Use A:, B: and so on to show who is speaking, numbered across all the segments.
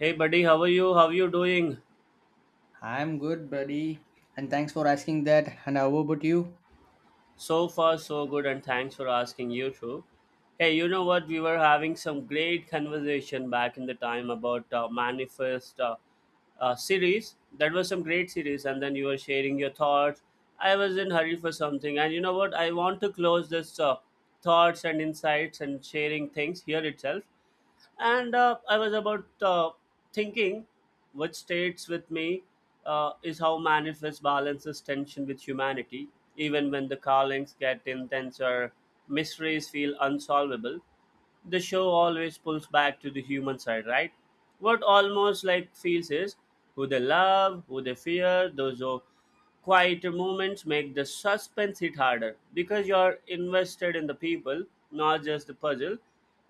A: Hey buddy, how are you? How you doing?
B: I'm good, buddy. And thanks for asking that. And how about you?
A: So far, so good, and thanks for asking you too. Hey, you know what? We were having some great conversation back in the time about Manifest series. That was some great series, and then you were sharing your thoughts. I was in hurry for something, and you know what? I want to close this thoughts and insights and sharing things here itself. And I was about thinking what states with me is how Manifest balances tension with humanity, even when the callings get intense or mysteries feel unsolvable. The show always pulls back to the human side, right? What almost like feels is who they love, who they fear, those are quieter moments, make the suspense hit harder because you're invested in the people, not just the puzzle.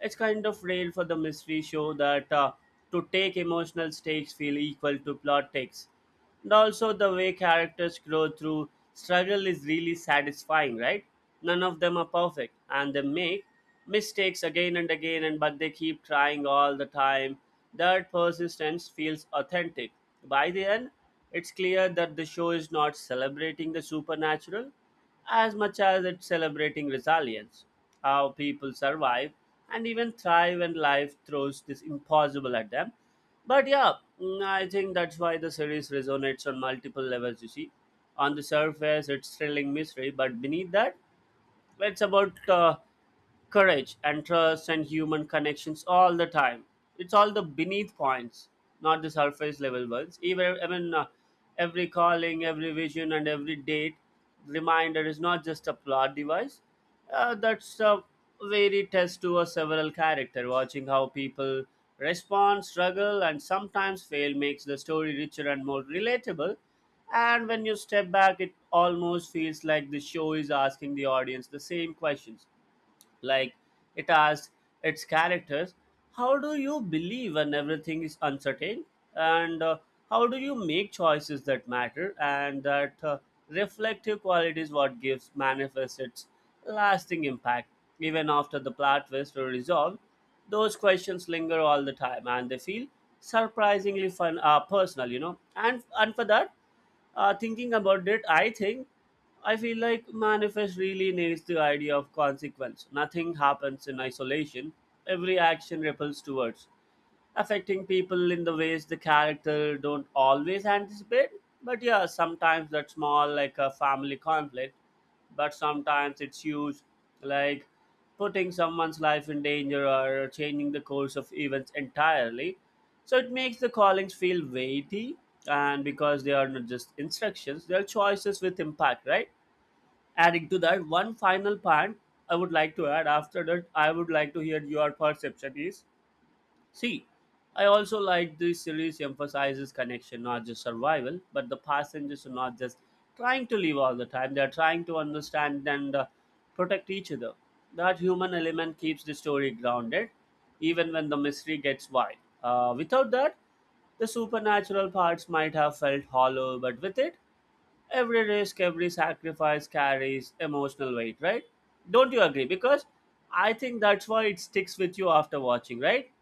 A: It's kind of rare for the mystery show that to take emotional stakes feel equal to plot takes. And also, the way characters grow through struggle is really satisfying, right? None of them are perfect, and they make mistakes again and again and but they keep trying all the time. That persistence feels authentic. By the end, it's clear that the show is not celebrating the supernatural as much as it's celebrating resilience, how people survive and even thrive when life throws this impossible at them. But yeah, I think that's why the series resonates on multiple levels. You see, on the surface it's thrilling mystery, but beneath that, it's about courage and trust and human connections all the time. It's all the beneath points, not the surface level ones. Even I mean, every calling, every vision, and every date reminder is not just a plot device. That's a very test to a several character. Watching how people respond, struggle, and sometimes fail makes the story richer and more relatable. And when you step back, it almost feels like the show is asking the audience the same questions. Like, it asks its characters, how do you believe when everything is uncertain? And how do you make choices that matter? And that reflective quality is what gives Manifest its lasting impact. Even after the plot twists are resolved, those questions linger all the time and they feel surprisingly fun, personal, you know. And for that, thinking about it, I think I feel like Manifest really nails the idea of consequence. Nothing happens in isolation. Every action ripples towards affecting people in the ways the character don't always anticipate. But yeah, sometimes that's small, like a family conflict, but sometimes it's huge, like putting someone's life in danger or changing the course of events entirely. So it makes the callings feel weighty, and because they are not just instructions, they are choices with impact, right? Adding to that one final point, I would like to add after that I would like to hear your perception is, see, I also like this series emphasizes connection, not just survival, but the passengers are not just trying to live all the time. They are trying to understand and protect each other. That human element keeps the story grounded, even when the mystery gets wide. Without that, the supernatural parts might have felt hollow, but with it, every risk, every sacrifice carries emotional weight, right? Don't you agree? Because I think that's why it sticks with you after watching, right?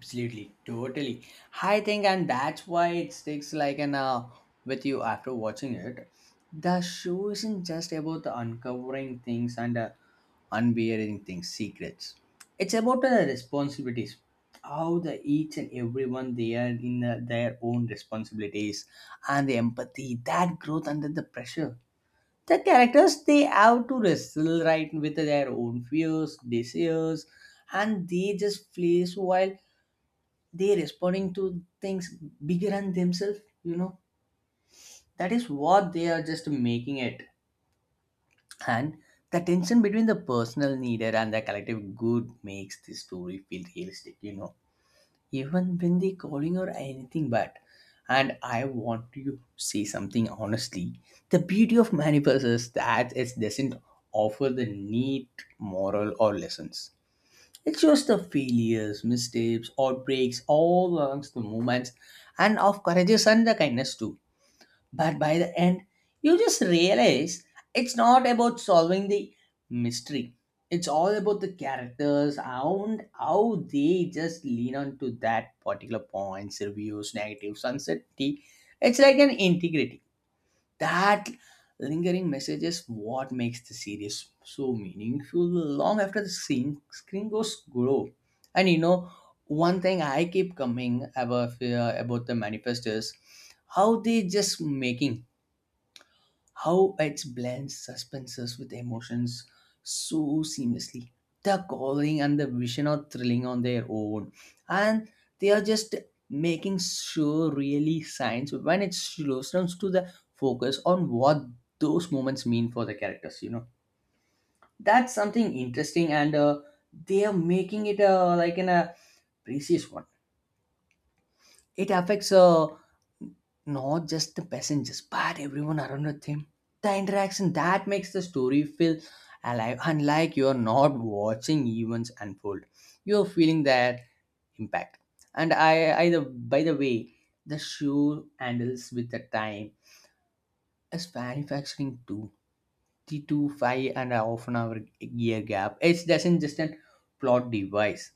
B: Absolutely, totally. I think, and that's why it sticks like an with you after watching it. The show isn't just about the uncovering things and unbearing things, secrets. It's about the responsibilities, how the each and everyone they are in their own responsibilities, and the empathy that growth under the pressure. The characters they have to wrestle right with their own fears desires, and they just play so while they're responding to things bigger than themselves, you know. That is what they are just making it. And the tension between the personal needer and the collective good makes the story feel realistic, you know, even when they calling or anything bad. And I want you to say something honestly, the beauty of manipulation is that it doesn't offer the neat moral or lessons. It shows the failures, mistakes, outbreaks, all along the moments and of courageous and the kindness too. But by the end, you just realize it's not about solving the mystery. It's all about the characters and how they just lean on to that particular points, reviews, negatives, uncertainty. It's like an integrity. That lingering message is what makes the series so meaningful long after the scene screen goes glow. And you know, one thing I keep coming about the manifest is how they just making, how it blends suspenses with emotions so seamlessly. The coloring and the vision are thrilling on their own, and they are just making sure really science when it slows down to the focus on what those moments mean for the characters. You know, that's something interesting, and they are making it like in a precious one. It affects not just the passengers, but everyone around with him. The interaction that makes the story feel alive, unlike you're not watching events unfold. You're feeling that impact. And by the way, the show handles with the time is manufacturing too. The two, five and a half an hour year gap. It doesn't just a plot device.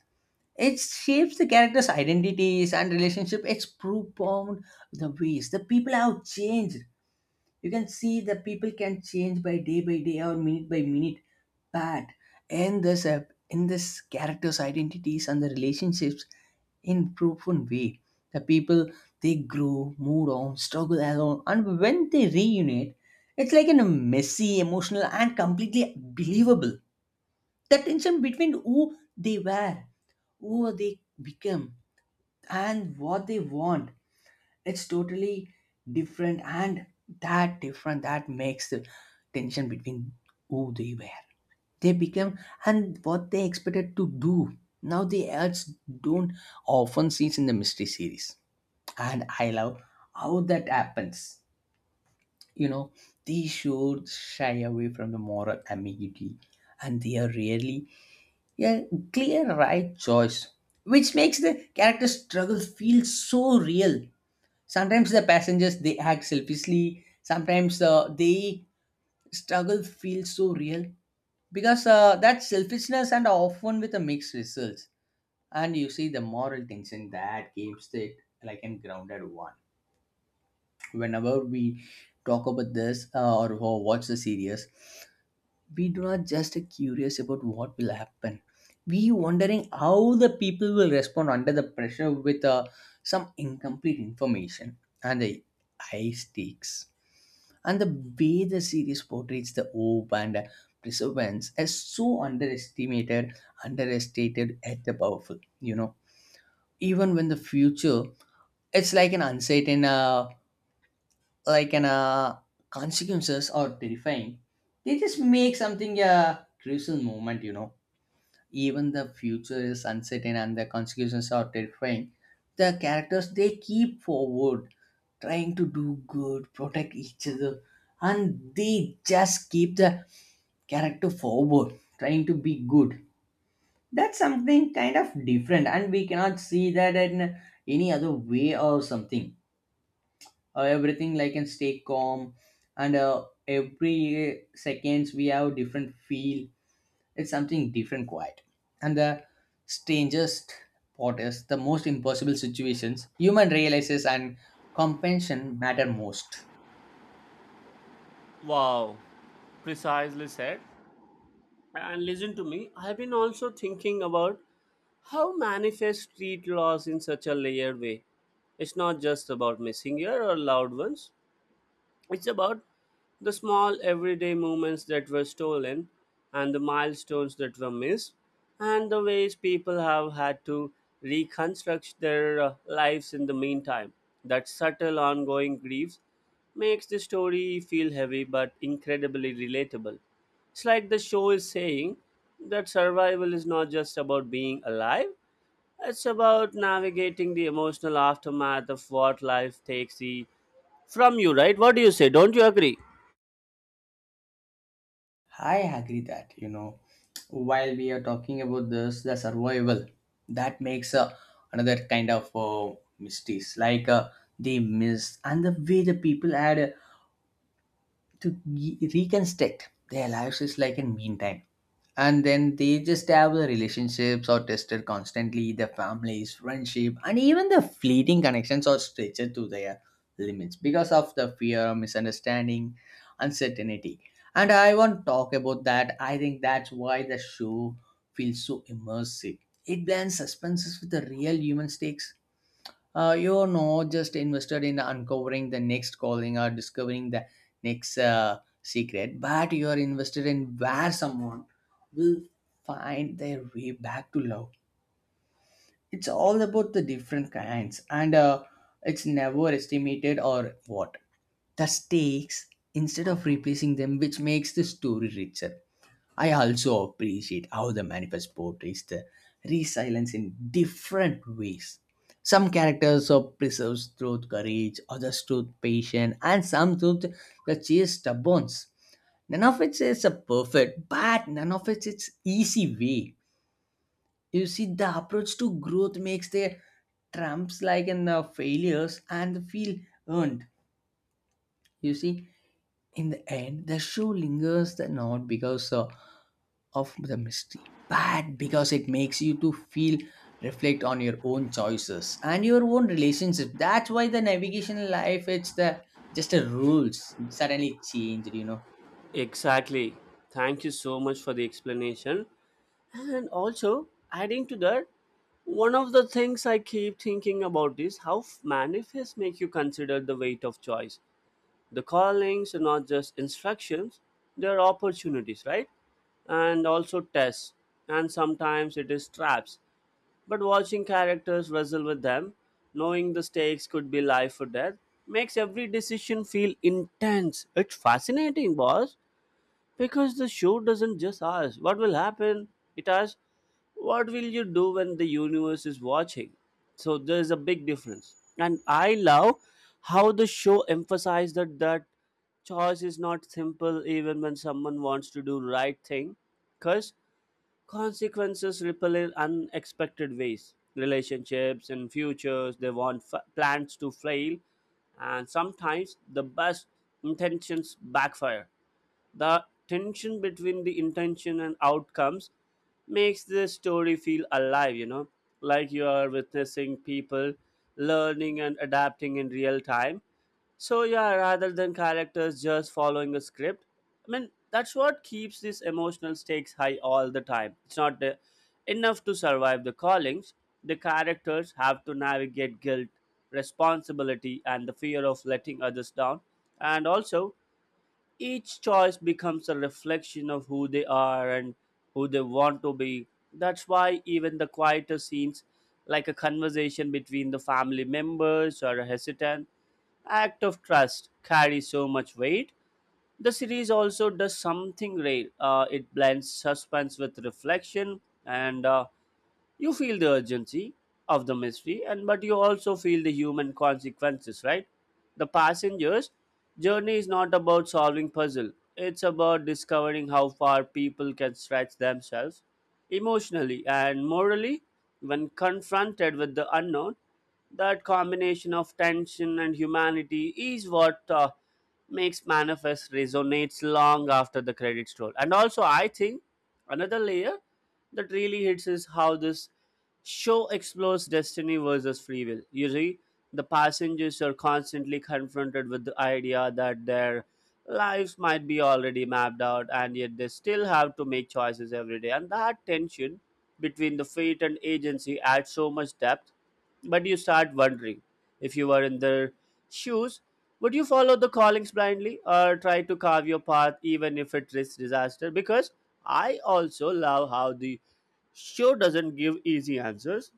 B: It shapes the characters' identities and relationship. It's profound the ways the people have changed. You can see the people can change by day or minute by minute. But in this app, in this characters' identities and the relationships, in profound way. The people they grow, move on, struggle alone, and when they reunite, it's like a messy, emotional, and completely believable. The tension between who they were, who they become, and what they want, it's totally different. And that different that makes the tension between who they were, they become, and what they expected to do now. The ads don't often see in the mystery series, and I love how that happens, you know. They should shy away from the moral ambiguity, and they are really a clear right choice, which makes the character struggle feel so real. Sometimes the passengers they act selfishly, sometimes they struggle feels so real, because that selfishness and often with a mixed results, and you see the moral tension that keeps it like a grounded one. Whenever we talk about this, or watch the series, we do not just curious about what will happen. We wondering how the people will respond under the pressure with some incomplete information and the high stakes. And the way the series portrays the hope and perseverance is so underestimated, understated, at the powerful. You know, even when the future, it's like an uncertain, like an consequences or terrifying. They just make something a crucial moment. You know, even the future is uncertain and the consequences are terrifying. The characters they keep forward, trying to do good, protect each other, and they just keep the character forward trying to be good. That's something kind of different, and we cannot see that in any other way or something. Everything like can stay calm, and every seconds we have different feel. It's something different, quiet. And the strangest part is the most impossible situations, human realizes and compassion matter most.
A: Wow, precisely said. And listen to me, I've been also thinking about how Manifest street laws in such a layered way. It's not just about missing here or loud ones. It's about the small everyday moments that were stolen and the milestones that were missed and the ways people have had to reconstruct their lives in the meantime. That subtle ongoing grief makes the story feel heavy but incredibly relatable. It's like the show is saying that survival is not just about being alive, it's about navigating the emotional aftermath of what life takes the from you, right? What do you say? Don't you agree?
B: I agree that, you know, while we are talking about this, the survival, that makes another kind of mysteries, like the myths, and the way the people had to reconstruct their lives is like in meantime. And then they just have the relationships are tested constantly, their families, friendship, and even the fleeting connections are stretched to their limits because of the fear, misunderstanding, uncertainty. And I want to talk about that. I think that's why the show feels so immersive. It blends suspenses with the real human stakes. You're not just invested in uncovering the next calling or discovering the next secret, but you're invested in where someone will find their way back to love. It's all about the different kinds, and it's never estimated or what. The stakes instead of replacing them, which makes the story richer. I also appreciate how the manifest portrays the resilience in different ways. Some characters are preserved through courage, others through patience, and some through the sheer stubbornness. None of it is a perfect, but none of it is easy way. You see, the approach to growth makes their trumps like in the failures and feel earned. You see, in the end, the show lingers the not because of the mystery, but because it makes you to feel reflect on your own choices and your own relationship. That's why the navigation in life, it's the just the rules suddenly changed, you know.
A: Exactly. Thank you so much for the explanation. And also, adding to that, one of the things I keep thinking about is how manifests make you consider the weight of choice. The callings are not just instructions, they are opportunities, right? And also tests. And sometimes it is traps. But watching characters wrestle with them, knowing the stakes could be life or death, makes every decision feel intense. It's fascinating, boss, because the show doesn't just ask what will happen, it asks what will you do when the universe is watching. So there's a big difference. And I love how the show emphasized that that choice is not simple even when someone wants to do right thing, because consequences ripple in unexpected ways. Relationships and futures, they want plans to fail, and sometimes the best intentions backfire. The tension between the intention and outcomes makes the story feel alive, you know, like you are witnessing people learning and adapting in real time. So yeah, rather than characters just following a script, I mean, that's what keeps these emotional stakes high all the time. It's not the, enough to survive the callings, the characters have to navigate guilt, responsibility, and the fear of letting others down. And also, each choice becomes a reflection of who they are and who they want to be. That's why even the quieter scenes, like a conversation between the family members or a hesitant act of trust, carry so much weight. The series also does something rare. It blends suspense with reflection, and you feel the urgency of the mystery and but you also feel the human consequences, right? The passengers journey is not about solving puzzle, it's about discovering how far people can stretch themselves emotionally and morally when confronted with the unknown. That combination of tension and humanity is what makes Manifest resonates long after the credits roll. And also, I think another layer that really hits is how this show explores destiny versus free will. You see, the passengers are constantly confronted with the idea that their lives might be already mapped out, and yet they still have to make choices every day. And that tension between the fate and agency adds so much depth. But you start wondering, if you were in their shoes, would you follow the callings blindly or try to carve your path even if it risks disaster? Because I also love how the show doesn't give easy answers,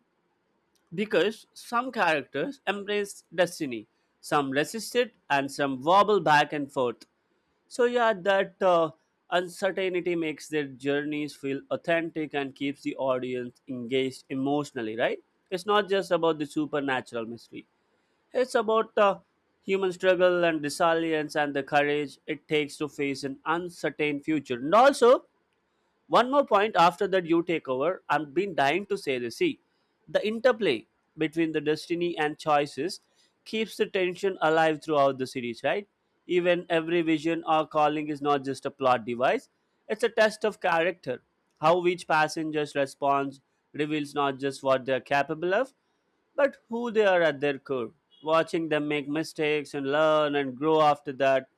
A: because some characters embrace destiny, some resist it, and some wobble back and forth. So yeah, that uncertainty makes their journeys feel authentic and keeps the audience engaged emotionally, right? It's not just about the supernatural mystery. It's about human struggle and resilience and the courage it takes to face an uncertain future. And also, one more point after that you take over. I've been dying to say this. See, the interplay between the destiny and choices keeps the tension alive throughout the series, right? Even every vision or calling is not just a plot device, it's a test of character. How each passenger's response reveals not just what they're capable of, but who they are at their core. Watching them make mistakes and learn and grow after that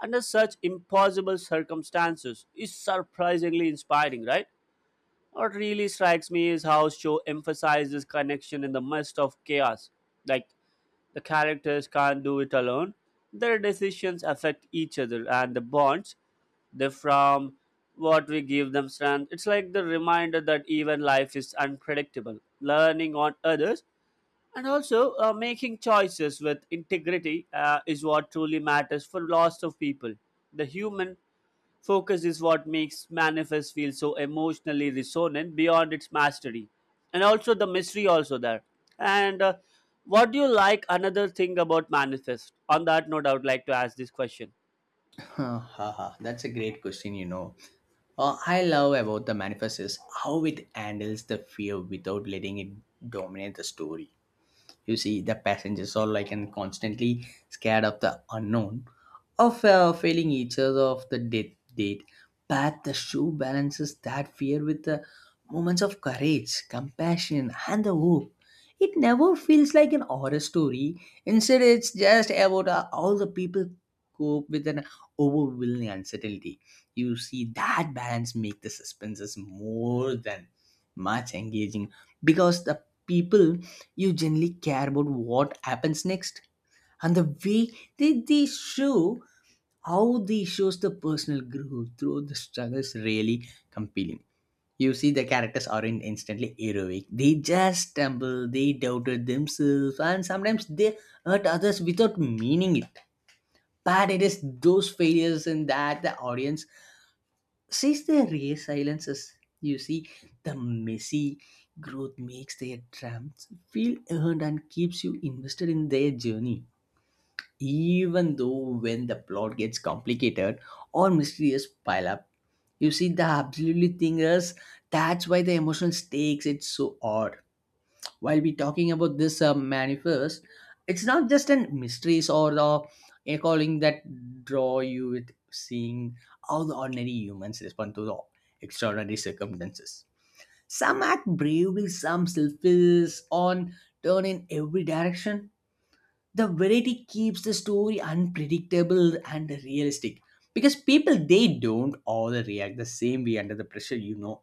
A: under such impossible circumstances is surprisingly inspiring, right? What really strikes me is how show emphasizes connection in the midst of chaos. Like, the characters can't do it alone. Their decisions affect each other and the bonds they from what we give them strength. It's like the reminder that even life is unpredictable. Learning on others, and also, making choices with integrity is what truly matters for lots of people. The human focus is what makes Manifest feel so emotionally resonant beyond its mastery, and also the mystery also there. And what do you like? Another thing about Manifest. On that note, I would like to ask this question.
B: Haha, that's a great question, you know. I love about the manifest is how it handles the fear without letting it dominate the story. You see, the passengers are like and constantly scared of the unknown, of failing each other, of the death date. But the show balances that fear with the moments of courage, compassion, and the hope. It never feels like an horror story. Instead, it's just about all the people cope with an overwhelming uncertainty. You see, that balance make the suspenses more than much engaging, because the people you generally care about what happens next. And the way they show how they shows the personal growth through the struggle is really compelling. You see the characters aren't instantly heroic, they just stumble, they doubted themselves, and sometimes they hurt others without meaning it. But it is those failures in that the audience since they re silences, you see, the messy growth makes their drums feel earned and keeps you invested in their journey. Even though when the plot gets complicated or mysterious pile up, you see the absolutely thing is that's why the emotional stakes it's so odd. While we talking about this manifest, it's not just an mysteries or the a calling that draw you with seeing how the ordinary humans respond to the extraordinary circumstances. Some act bravely, some selfish on turn in every direction. The variety keeps the story unpredictable and realistic, because people they don't all react the same way under the pressure, you know.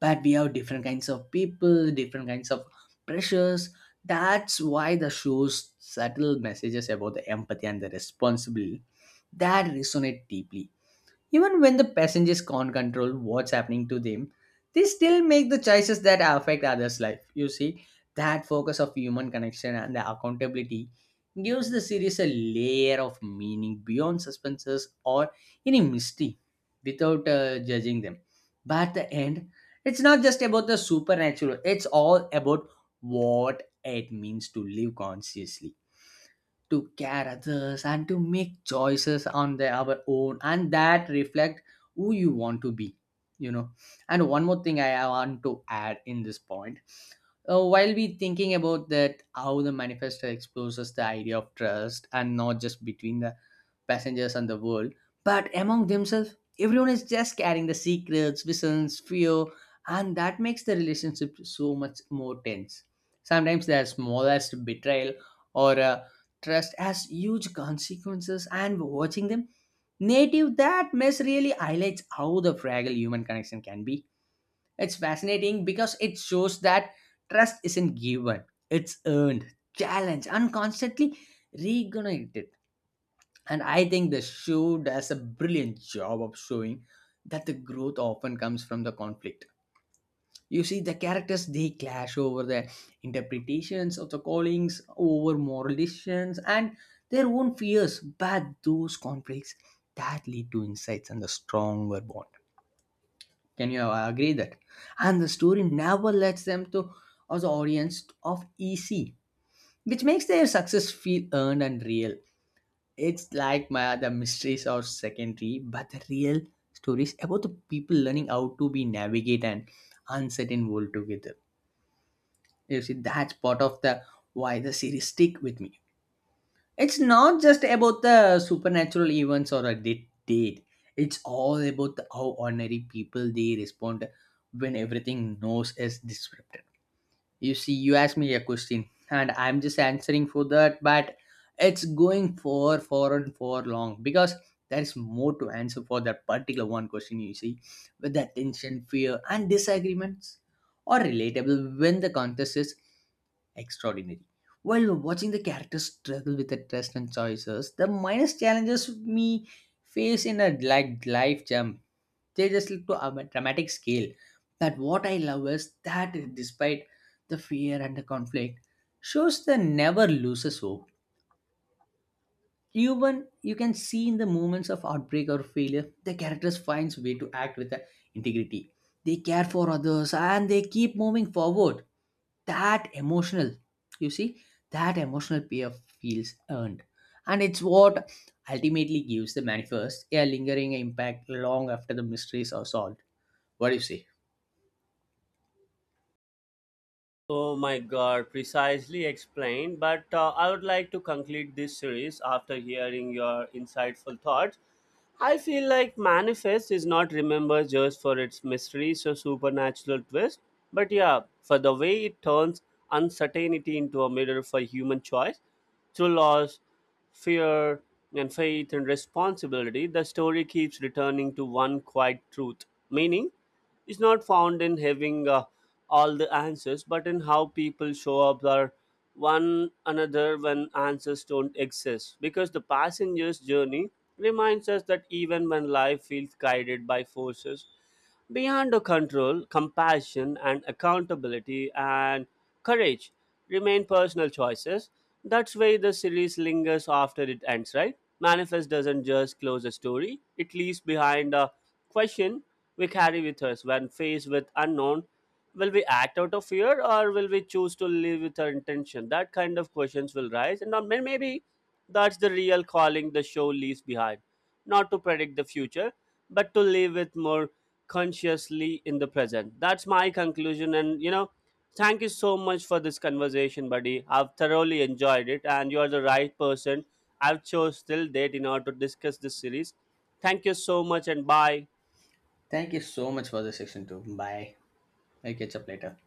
B: But we have different kinds of people, different kinds of pressures. That's why the show's subtle messages about the empathy and the responsibility that resonate deeply. Even when the passengers can't control what's happening to them, they still make the choices that affect others' life. You see, that focus of human connection and the accountability gives the series a layer of meaning beyond suspenses or any mystery without judging them. But at the end, it's not just about the supernatural, it's all about what it means to live consciously, to care others, and to make choices on their our own, and that reflect who you want to be, you know. And one more thing I want to add in this point. While we thinking about that, how the manifesto exposes the idea of trust, and not just between the passengers and the world, but among themselves. Everyone is just carrying the secrets, visions, fear, and that makes the relationship so much more tense. Sometimes the smallest betrayal or trust has huge consequences, and watching them native that mess really highlights how the fragile human connection can be. It's fascinating because it shows that trust isn't given, it's earned, challenged, and constantly reignited. And I think the show does a brilliant job of showing that the growth often comes from the conflict. You see, the characters they clash over the interpretations of the callings, over moral decisions, and their own fears. But those conflicts that lead to insights and the stronger bond. Can you agree that? And the story never lets them to as the audience of EC, which makes their success feel earned and real. It's like my the mysteries are secondary, but the real stories about the people learning how to be navigate an uncertain world together. You see, that's part of the why the series stick with me. It's not just about the supernatural events or a date. It's all about the, how ordinary people they respond when everything knows is disrupted. You see, you asked me a question, and I'm just answering for that, but it's going for and for long, because there is more to answer for that particular one question. You see, with that tension, fear, and disagreements are relatable when the contest is extraordinary. While watching the characters struggle with the trust and choices, the minus challenges we face in a like life jump, they just look to a dramatic scale. That what I love is that despite the fear and the conflict, shows the never loses hope. Even you can see in the moments of outbreak or failure, the characters finds way to act with the integrity. They care for others and they keep moving forward. That emotional, you see, that emotional payoff feels earned, and it's what ultimately gives the manifest a lingering impact long after the mysteries are solved. What do you say?
A: Oh my god, precisely explained. But I would like to conclude this series after hearing your insightful thoughts. I feel like Manifest is not remembered just for its mysteries or supernatural twist, but yeah, for the way it turns uncertainty into a mirror for human choice through loss, fear, and faith and responsibility. The story keeps returning to one quiet truth. Meaning is not found in having all the answers, but in how people show up for one another when answers don't exist. Because the passenger's journey reminds us that even when life feels guided by forces beyond our control, compassion and accountability and courage remain personal choices. That's why the series lingers after it ends, right? Manifest doesn't just close a story, it leaves behind a question we carry with us when faced with unknown. Will we act out of fear or will we choose to live with our intention? That kind of questions will rise, and maybe that's the real calling the show leaves behind. Not to predict the future, but to live with more consciously in the present. That's my conclusion, and you know, thank you so much for this conversation, buddy. I've thoroughly enjoyed it, and you are the right person I've chose till date in order to discuss this series. Thank you so much, and bye.
B: Thank you so much for the section too. Bye. I'll catch up later.